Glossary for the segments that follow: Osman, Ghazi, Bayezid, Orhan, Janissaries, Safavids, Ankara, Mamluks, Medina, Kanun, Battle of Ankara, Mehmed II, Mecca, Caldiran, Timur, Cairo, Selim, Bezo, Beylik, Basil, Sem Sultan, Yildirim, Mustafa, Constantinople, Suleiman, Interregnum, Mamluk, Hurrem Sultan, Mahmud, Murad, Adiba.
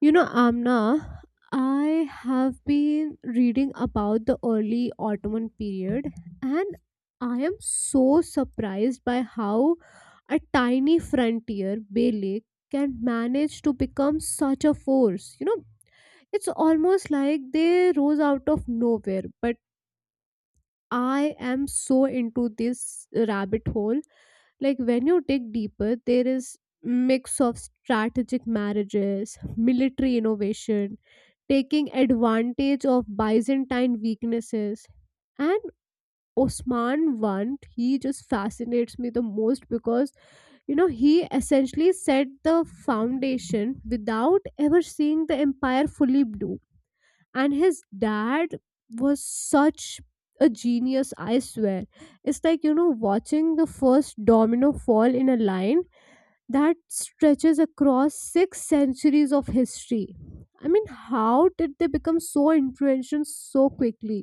Amna, I have been reading about the early Ottoman period, and I am so surprised by how a tiny frontier, Beylik, can manage to become such a force. It's almost like they rose out of nowhere, but I am so into this rabbit hole, like when you dig deeper there is mix of strategic marriages, military innovation, taking advantage of Byzantine weaknesses, and Osman one, he just fascinates me the most because, he essentially set the foundation without ever seeing the empire fully bloom. And his dad was such a genius, I swear. It's like, watching the first domino fall in a line that stretches across six centuries of history. I mean, how did they become so influential so quickly,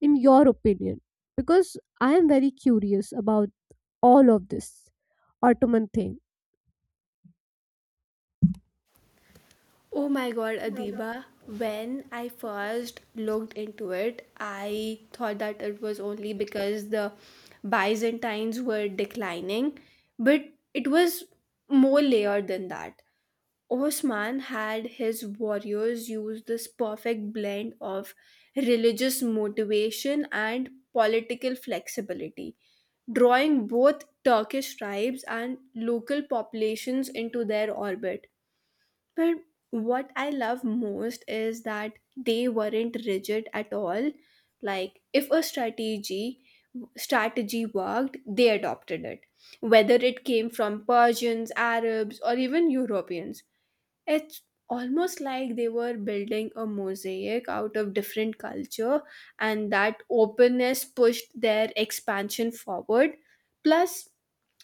in your opinion? Because I am very curious about all of this Ottoman thing. Oh my god, Oh my God. Adiba, when I first looked into it, I thought that it was only because the Byzantines were declining, but it was more layered than that. Osman had his warriors use this perfect blend of religious motivation and political flexibility, drawing both Turkish tribes and local populations into their orbit, but what I love most is that they weren't rigid at all. Like if a strategy worked, they adopted it, whether it came from Persians, Arabs, or even Europeans. It's almost like they were building a mosaic out of different culture, and that openness pushed their expansion forward. Plus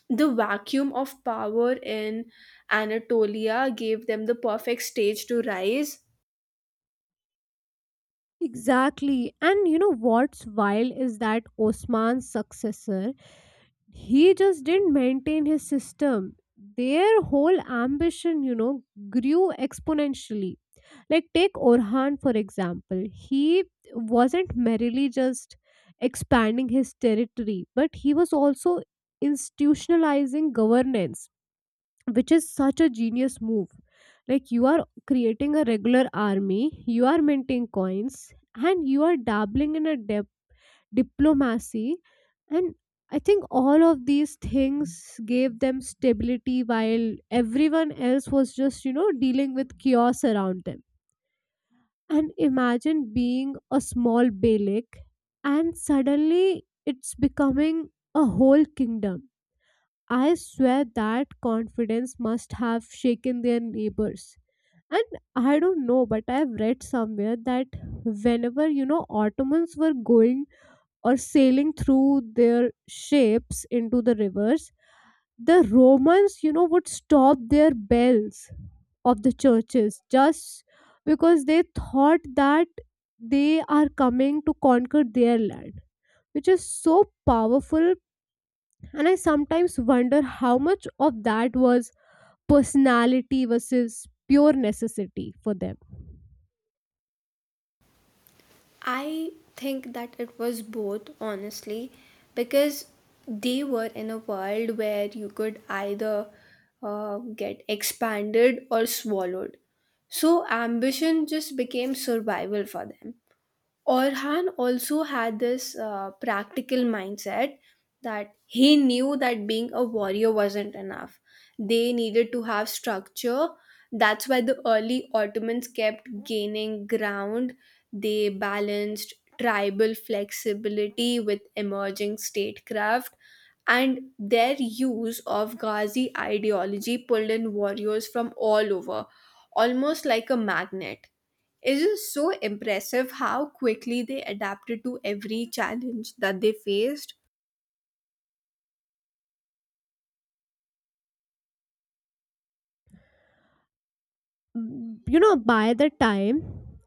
the vacuum of power in Anatolia gave them the perfect stage to rise. Exactly. And you know what's wild is that Osman's successor, he just didn't maintain his system. Their whole ambition, grew exponentially. Like, take Orhan for example, he wasn't merely just expanding his territory, but he was also institutionalizing governance, which is such a genius move. Like, you are creating a regular army, you are minting coins, and you are dabbling in a diplomacy. And I think all of these things gave them stability while everyone else was just, dealing with chaos around them. And imagine being a small beylik and suddenly it's becoming a whole kingdom. I swear that confidence must have shaken their neighbors. And I don't know, but I've read somewhere that whenever, Ottomans were going or sailing through their ships into the rivers, the Romans, would stop their bells of the churches just because they thought that they are coming to conquer their land, which is so powerful. And I sometimes wonder how much of that was personality versus pure necessity for them. I think that it was both, honestly, because they were in a world where you could either get expanded or swallowed. So ambition just became survival for them. Orhan also had this practical mindset, that he knew that being a warrior wasn't enough. They needed to have structure. That's why the early Ottomans kept gaining ground. They balanced tribal flexibility with emerging statecraft, and their use of Ghazi ideology pulled in warriors from all over, almost like a magnet. It is so impressive how quickly they adapted to every challenge that they faced. By the time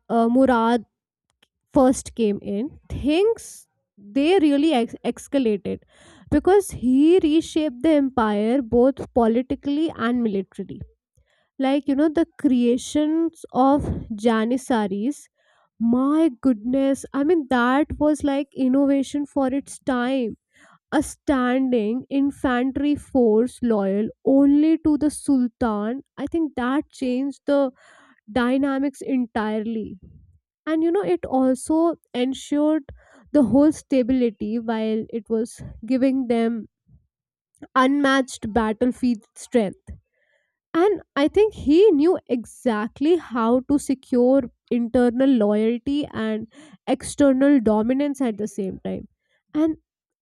Murad first came in, things, they really escalated because he reshaped the empire both politically and militarily. Like, the creations of Janissaries, my goodness, I mean, that was like innovation for its time. A standing infantry force loyal only to the Sultan, I think that changed the dynamics entirely. And it also ensured the whole stability while it was giving them unmatched battlefield strength. And I think he knew exactly how to secure internal loyalty and external dominance at the same time. And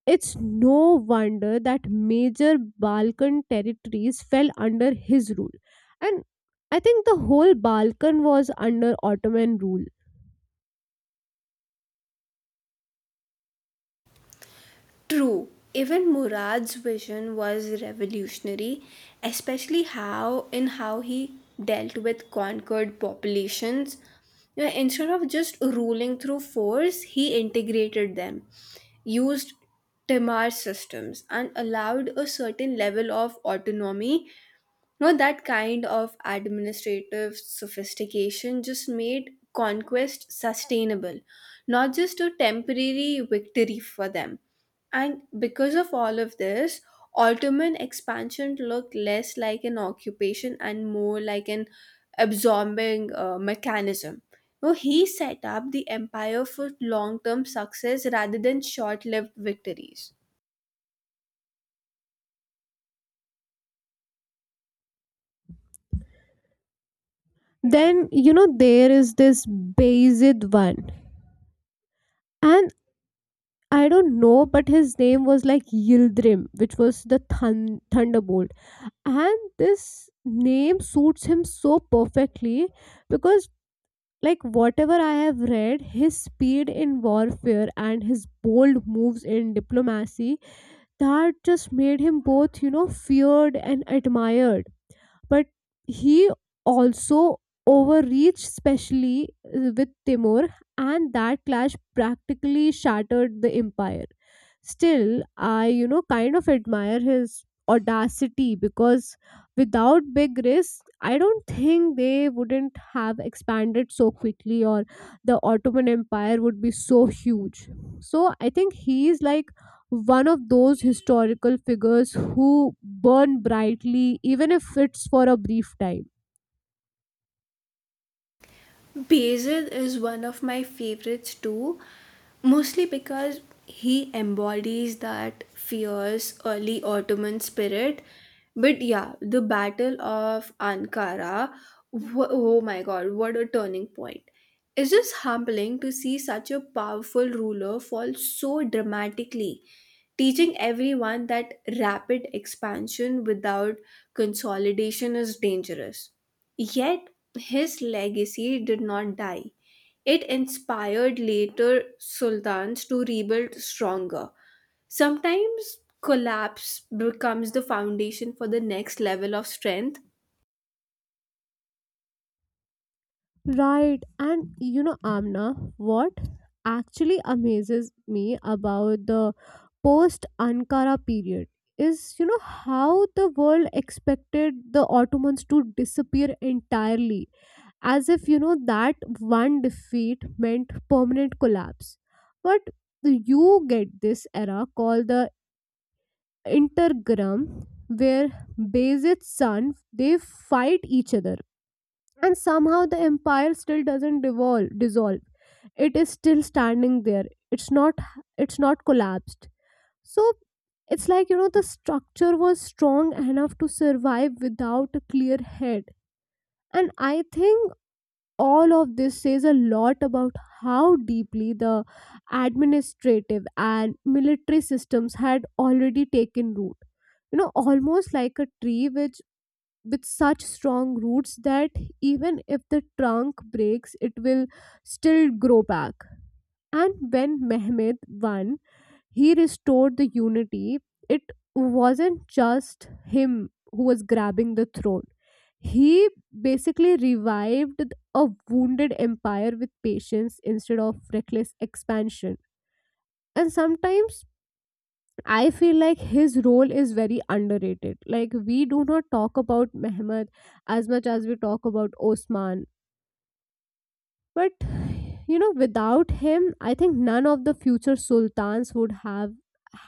it's no wonder that major Balkan territories fell under his rule. And I think the whole Balkan was under Ottoman rule. True, even Murad's vision was revolutionary, especially how he dealt with conquered populations. You know, instead of just ruling through force, he integrated them, used Timar systems, and allowed a certain level of autonomy. No, that kind of administrative sophistication just made conquest sustainable, not just a temporary victory for them. And because of all of this, Ottoman expansion looked less like an occupation and more like an absorbing mechanism. No, he set up the empire for long term success rather than short lived victories. Then, there is this Bayezid one. And I don't know, but his name was like Yildirim, which was the Thunderbolt. And this name suits him so perfectly because, like, whatever I have read, his speed in warfare and his bold moves in diplomacy, that just made him both, feared and admired. But he also overreached, especially with Timur, and that clash practically shattered the empire. Still, I, kind of admire his audacity because without big risks, I don't think they wouldn't have expanded so quickly, or the Ottoman Empire would be so huge. So I think he's like one of those historical figures who burn brightly even if it's for a brief time. Basil is one of my favorites too, mostly because he embodies that fierce early Ottoman spirit. But yeah, the Battle of Ankara, oh my god, what a turning point! It's just humbling to see such a powerful ruler fall so dramatically, teaching everyone that rapid expansion without consolidation is dangerous. Yet his legacy did not die. It inspired later sultans to rebuild stronger. Sometimes collapse becomes the foundation for the next level of strength. Right. And Amna, what actually amazes me about the post Ankara period is, how the world expected the Ottomans to disappear entirely, as if, that one defeat meant permanent collapse. But you get this era called the Intergram, where Bayezid's son, they fight each other, and somehow the empire still doesn't devolve dissolve. It is still standing there. it's not it's not collapsed. So it's like, the structure was strong enough to survive without a clear head. And I think all of this says a lot about how deeply the administrative and military systems had already taken root. Almost like a tree which, with such strong roots that even if the trunk breaks, it will still grow back. And when Mehmed I, he restored the unity, it wasn't just him who was grabbing the throne. He basically revived a wounded empire with patience instead of reckless expansion. And sometimes I feel like his role is very underrated. Like, we do not talk about Mehmed as much as we talk about Osman. But without him, I think none of the future sultans would have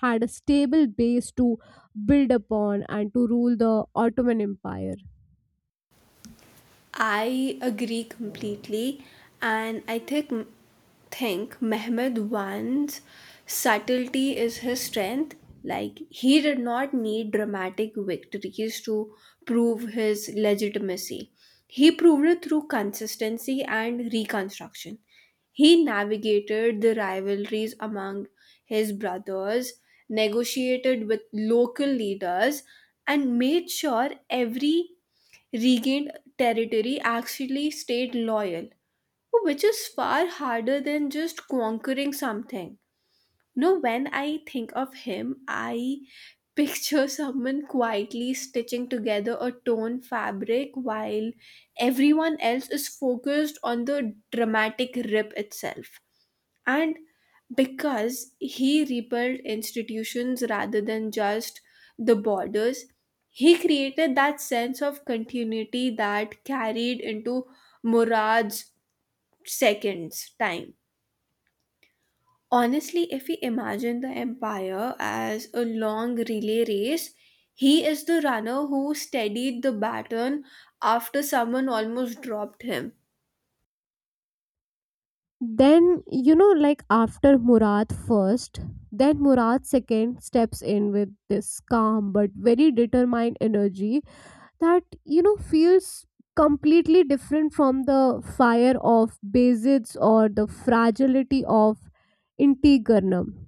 had a stable base to build upon and to rule the Ottoman Empire. I agree completely, and I think Mehmed Wan's subtlety is his strength. Like he did not need dramatic victories to prove his legitimacy. He proved it through consistency and reconstruction. He navigated the rivalries among his brothers, negotiated with local leaders, and made sure every regained territory actually stayed loyal, which is far harder than just conquering something. No, when I think of him, I picture someone quietly stitching together a torn fabric while everyone else is focused on the dramatic rip itself. And because he rebuilt institutions rather than just the borders, he created that sense of continuity that carried into Murad's second's time. Honestly, if we imagine the empire as a long relay race, he is the runner who steadied the baton after someone almost dropped him. Then like after Murad first, then Murad second steps in with this calm but very determined energy that, feels completely different from the fire of Bezid's or the fragility of Intigernum,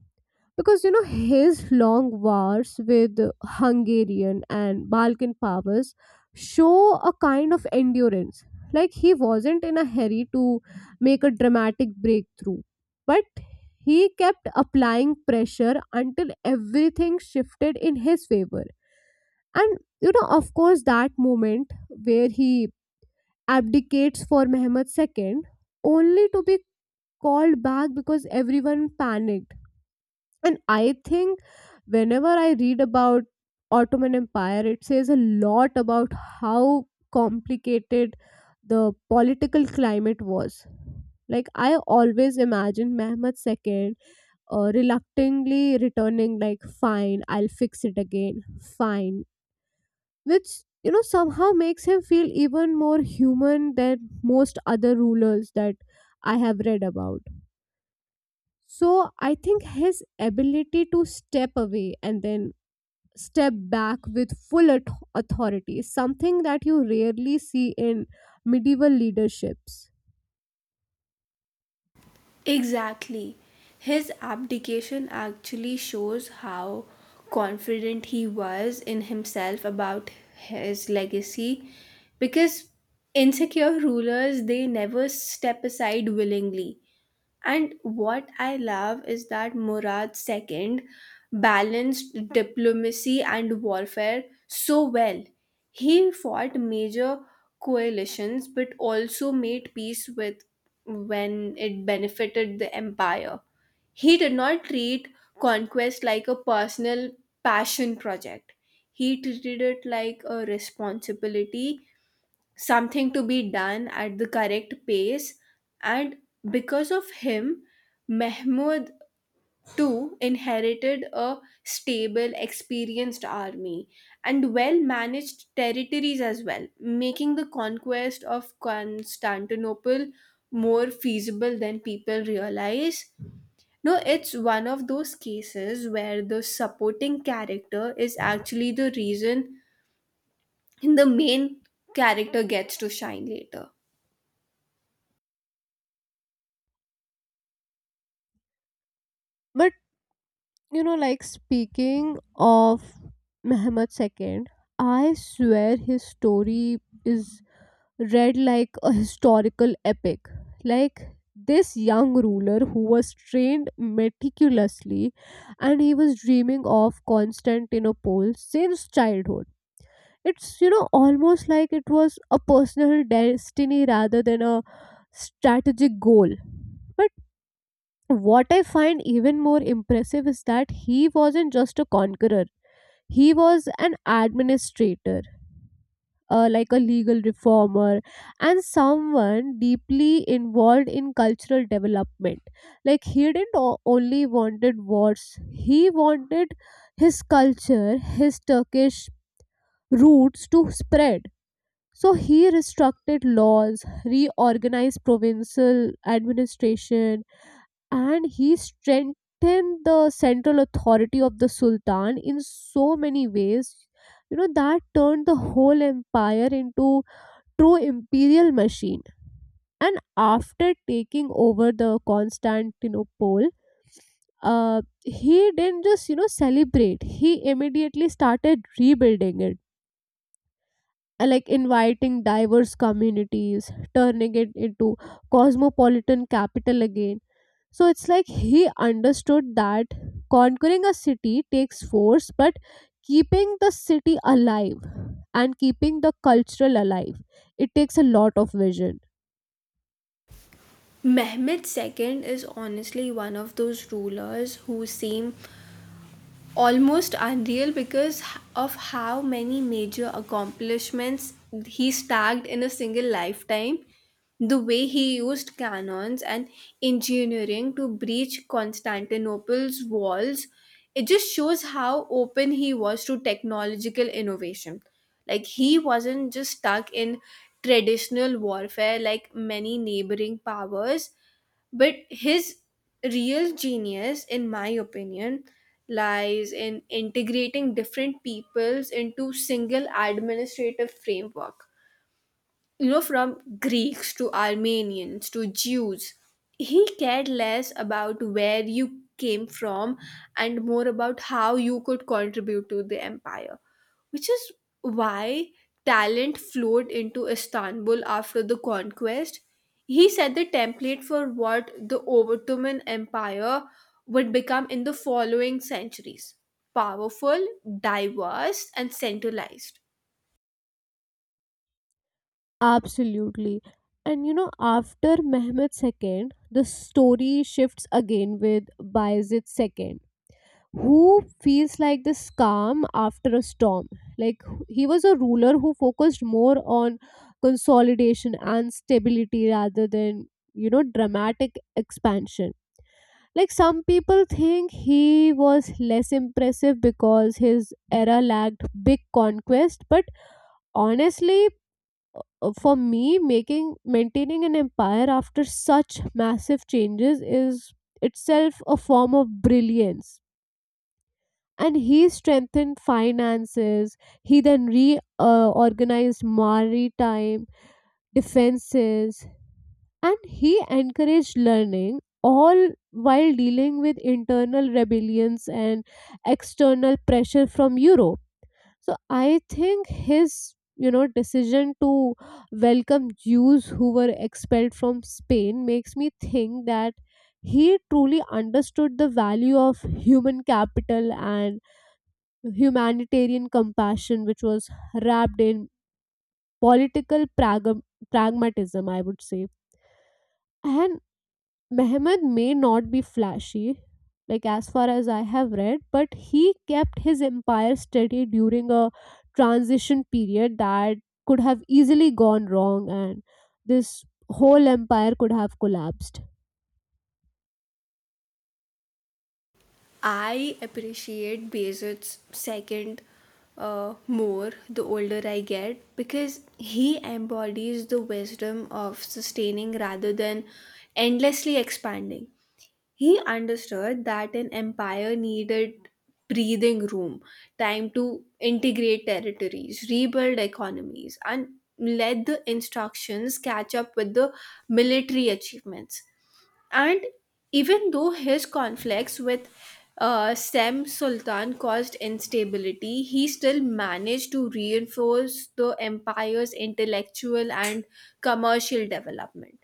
because his long wars with Hungarian and Balkan powers show a kind of endurance. Like, he wasn't in a hurry to make a dramatic breakthrough, but he kept applying pressure until everything shifted in his favor. And of course that moment where he abdicates for Mehmed II, only to be called back because everyone panicked. And I think whenever I read about Ottoman Empire, it says a lot about how complicated the political climate was. Like, I always imagine Mehmed II reluctantly returning, like, fine, I'll fix it again, fine. Which, somehow makes him feel even more human than most other rulers that I have read about. So I think his ability to step away and then step back with full authority, something that you rarely see in medieval leaderships. Exactly. His abdication actually shows how confident he was in himself about his legacy, because insecure rulers they never step aside willingly. And what I love is that Murad II balanced diplomacy and warfare so well. He fought major coalitions but also made peace with when it benefited the empire. He did not treat conquest like a personal passion project. He treated it like a responsibility, something to be done at the correct pace. And because of him, Mahmud too inherited a stable, experienced army and well managed territories as well, making the conquest of Constantinople more feasible than people realize. No, it's one of those cases where the supporting character is actually the reason the main character gets to shine later. But like speaking of Mehmed II, I swear his story is read like a historical epic. Like, this young ruler who was trained meticulously and he was dreaming of Constantinople since childhood. It's, almost like it was a personal destiny rather than a strategic goal. But what I find even more impressive is that he wasn't just a conqueror, he was an administrator, like a legal reformer, and someone deeply involved in cultural development. Like, he didn't only wanted wars, he wanted his culture, his Turkish roots to spread. So he restructured laws, reorganized provincial administration, and he strengthened the central authority of the Sultan in so many ways. That turned the whole empire into true imperial machine. And after taking over the Constantinople, he didn't just, celebrate. He immediately started rebuilding it, like inviting diverse communities, turning it into cosmopolitan capital again. So it's like he understood that conquering a city takes force, but keeping the city alive and keeping the cultural alive, it takes a lot of vision. Mehmed II is honestly one of those rulers who seem almost unreal because of how many major accomplishments he stacked in a single lifetime. The way he used cannons and engineering to breach Constantinople's walls, it just shows how open he was to technological innovation. Like, he wasn't just stuck in traditional warfare like many neighboring powers, but his real genius in my opinion lies in integrating different peoples into single administrative framework, you know, from Greeks to Armenians to Jews. He cared less about where you came from and more about how you could contribute to the empire, which is why talent flowed into Istanbul after the conquest. He set the template for what the Ottoman Empire would become in the following centuries: powerful, diverse, and centralized. Absolutely. And after Mehmed II, the story shifts again with Bayezid II, who feels like this calm after a storm. Like, he was a ruler who focused more on consolidation and stability rather than, dramatic expansion. Like, some people think he was less impressive because his era lacked big conquest, but honestly, for me, making maintaining an empire after such massive changes is itself a form of brilliance. And he strengthened finances. He then reorganized maritime defenses, and he encouraged learning, all while dealing with internal rebellions and external pressure from Europe. So I think his, decision to welcome Jews who were expelled from Spain makes me think that he truly understood the value of human capital and humanitarian compassion, which was wrapped in political pragmatism, I would say. And Mehmed may not be flashy, like, as far as I have read, but he kept his empire steady during a transition period that could have easily gone wrong, and this whole empire could have collapsed. I appreciate Bezo's second more the older I get, because he embodies the wisdom of sustaining rather than endlessly expanding. He understood that an empire needed breathing room, time to integrate territories, rebuild economies, and let the instructions catch up with the military achievements. And even though his conflicts with Sem Sultan caused instability, he still managed to reinforce the empire's intellectual and commercial development.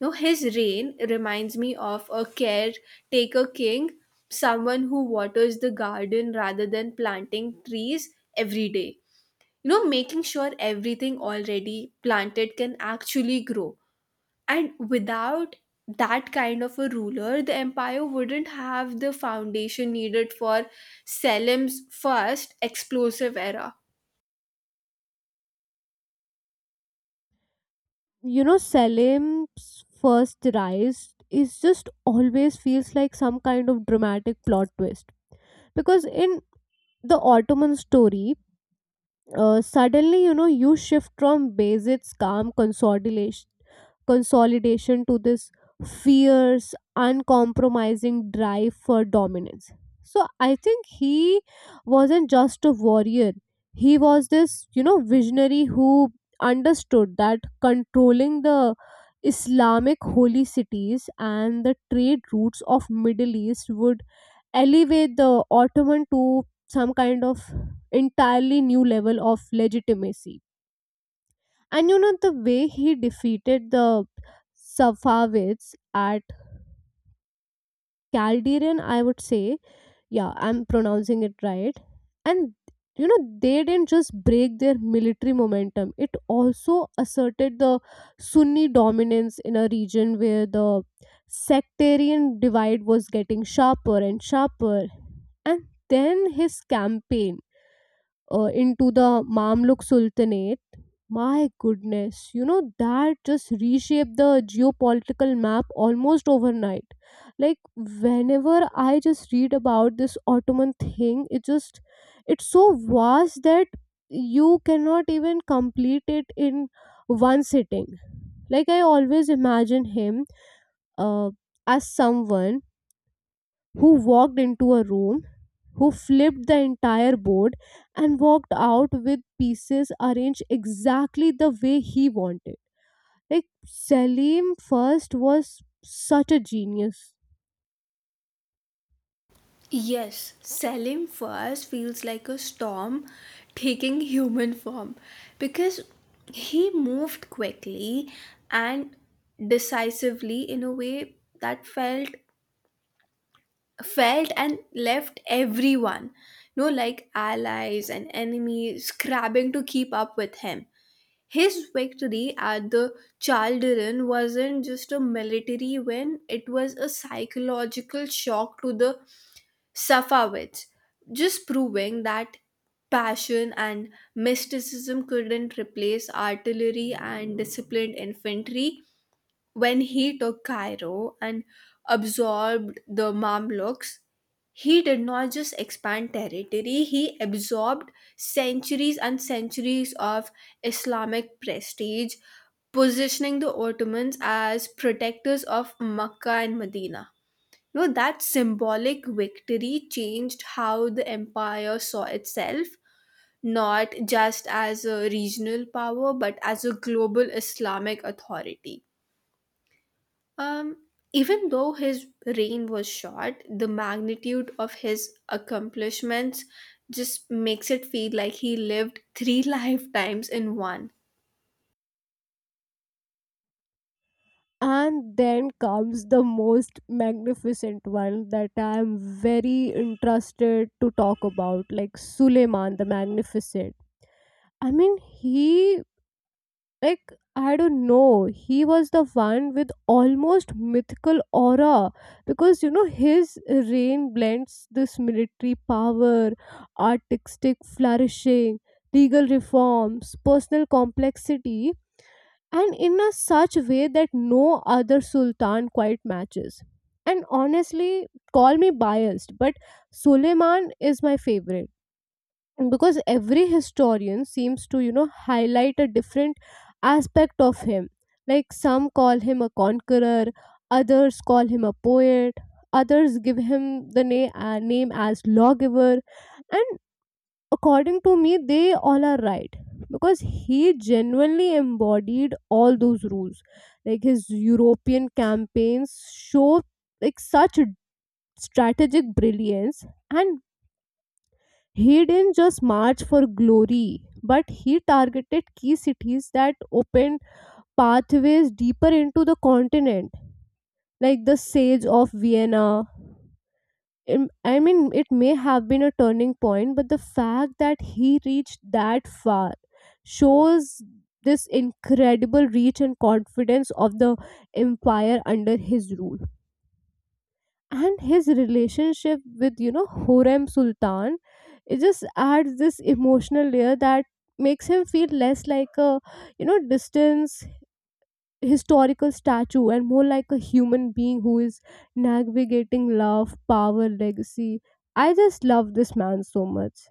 Now, his reign reminds me of a caretaker king, someone who waters the garden rather than planting trees every day. You know, making sure everything already planted can actually grow. And without that kind of a ruler, the empire wouldn't have the foundation needed for Selim's first explosive era. Selim's first rise is just always feels like some kind of dramatic plot twist because in the Ottoman story, suddenly, you shift from Basit's calm consolidation to this fierce uncompromising drive for dominance. So I think he wasn't just a warrior, he was this, visionary who understood that controlling the Islamic holy cities and the trade routes of Middle East would elevate the Ottoman to some kind of entirely new level of legitimacy. And the way he defeated the Safavids at Calderian, I would say, yeah, I'm pronouncing it right. And they didn't just break their military momentum, it also asserted the Sunni dominance in a region where the sectarian divide was getting sharper and sharper. And then his campaign into the Mamluk Sultanate. My goodness, that just reshaped the geopolitical map almost overnight. Like, whenever I just read about this Ottoman thing, it just, it's so vast that you cannot even complete it in one sitting. Like, I always imagine him uh, as someone who walked into a room, who flipped the entire board, and walked out with pieces arranged exactly the way he wanted. Like Selim first was such a genius. Yes, Selim first feels like a storm taking human form because he moved quickly and decisively in a way that felt and left everyone, you know, like allies and enemies scrabbling to keep up with him. His victory at the Chaldiran wasn't just a military win, it was a psychological shock to the Safavids, just proving that passion and mysticism couldn't replace artillery and disciplined infantry. When he took Cairo and absorbed the Mamluks, he did not just expand territory, he absorbed centuries and centuries of Islamic prestige, positioning the Ottomans as protectors of Mecca and Medina. You know, that symbolic victory changed how the empire saw itself, not just as a regional power, but as a global Islamic authority. Um, Even though his reign was short, the magnitude of his accomplishments just makes it feel like he lived three lifetimes in one. And then comes the most magnificent one that I am very interested to talk about, like Suleiman the Magnificent. I mean, he, like, I don't know, he was the one with almost mythical aura, because his reign blends this military power, artistic flourishing, legal reforms, personal complexity, and in a such way that no other sultan quite matches. And honestly, call me biased, but Suleiman is my favorite. And because every historian seems to, highlight a different aspect of him, like, some call him a conqueror, others call him a poet, others give him the name as lawgiver. And according to me, they all are right because he genuinely embodied all those rules. Like, his European campaigns show like such strategic brilliance, and he didn't just march for glory, but he targeted key cities that opened pathways deeper into the continent, like the Siege of Vienna. I mean, it may have been a turning point, but the fact that he reached that far shows this incredible reach and confidence of the empire under his rule. And his relationship with, Horem Sultan, it just adds this emotional layer that makes him feel less like a, distance historical statue and more like a human being who is navigating love, power, legacy. I just love this man so much.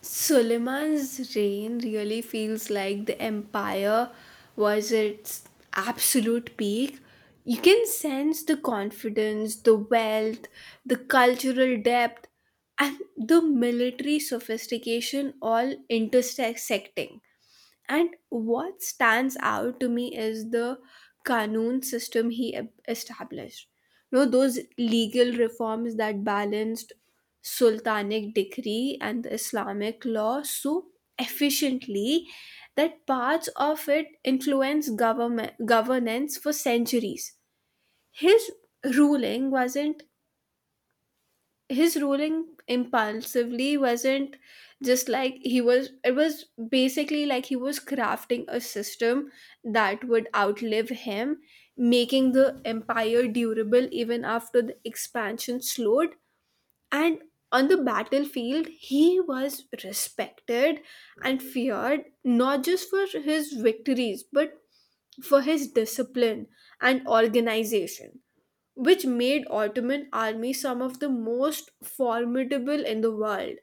Suleiman's reign really feels like the empire was its absolute peak. You can sense the confidence, the wealth, the cultural depth, and the military sophistication all intersecting. And what stands out to me is the Kanun system he established. You know, those legal reforms that balanced Sultanic decree and the Islamic law so efficiently that parts of it influenced government governance for centuries. His ruling wasn't his ruling impulsively wasn't just like he was, it was basically like he was crafting a system that would outlive him, making the empire durable even after the expansion slowed. And on the battlefield he was respected and feared not just for his victories but for his discipline and organization, which made Ottoman army some of the most formidable in the world.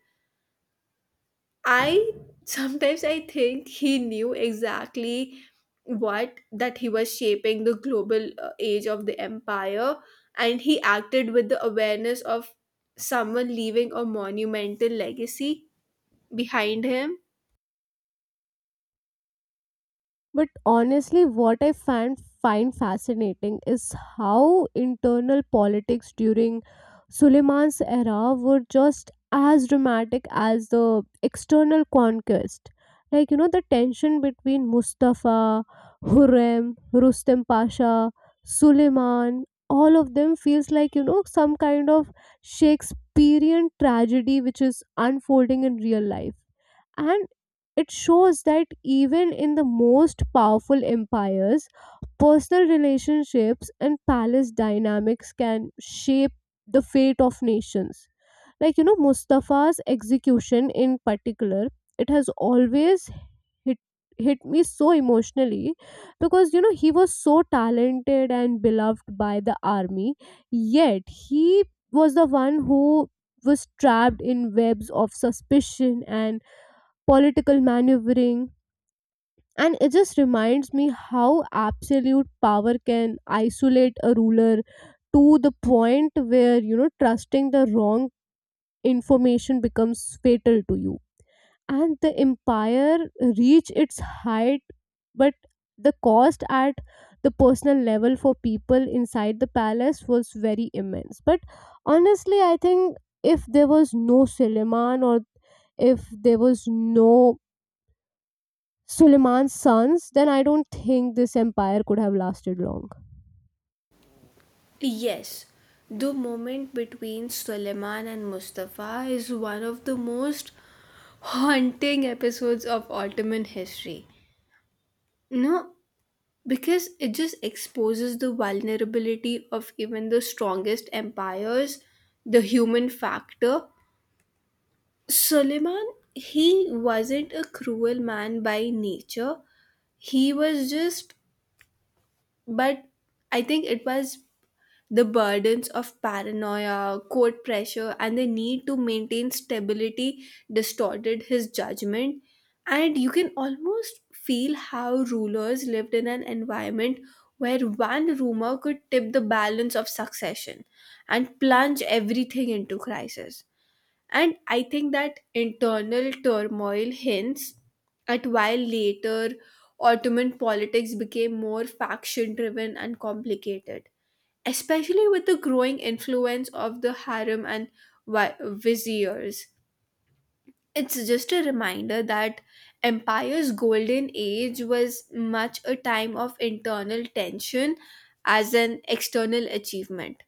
I sometimes I think he knew exactly what that he was shaping the global age of the empire, and he acted with the awareness of someone leaving a monumental legacy behind him. But honestly, what I find fascinating is how internal politics during Suleiman's era were just as dramatic as the external conquest. Like, the tension between Mustafa, Hurrem, Rustem Pasha, Suleiman, all of them feels like, some kind of Shakespearean tragedy which is unfolding in real life. And it shows that even in the most powerful empires, personal relationships and palace dynamics can shape the fate of nations. Like Mustafa's execution in particular, it has always hit hit me so emotionally, because he was so talented and beloved by the army, yet he was the one who was trapped in webs of suspicion and political maneuvering. And it just reminds me how absolute power can isolate a ruler to the point where, trusting the wrong information becomes fatal to you. And the empire reached its height, but the cost at the personal level for people inside the palace was very immense. But honestly, I think if there was no Suleiman, or if there was no Suleiman's sons, then I don't think this empire could have lasted long. Yes, the moment between Suleiman and Mustafa is one of the most haunting episodes of Ottoman history. No, because it just exposes the vulnerability of even the strongest empires, the human factor. Suleiman, he wasn't a cruel man by nature. He was just, but I think it was the burdens of paranoia, court pressure, and the need to maintain stability distorted his judgment. And you can almost feel how rulers lived in an environment where one rumor could tip the balance of succession and plunge everything into crisis. And I think that internal turmoil hints at why later Ottoman politics became more faction driven and complicated, especially with the growing influence of the harem and viziers. It's just a reminder that empire's golden age was much a time of internal tension as an external achievement.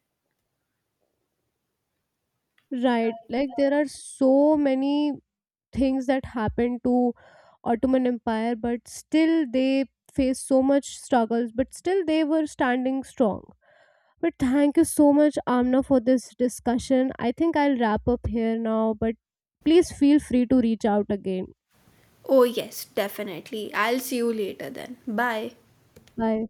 Right, like there are so many things that happened to Ottoman Empire, but still they faced so much struggles, but still they were standing strong. But thank you so much, Amna, for this discussion. I think I'll wrap up here now, but please feel free to reach out again. Oh yes, definitely. I'll see you later then. Bye. Bye.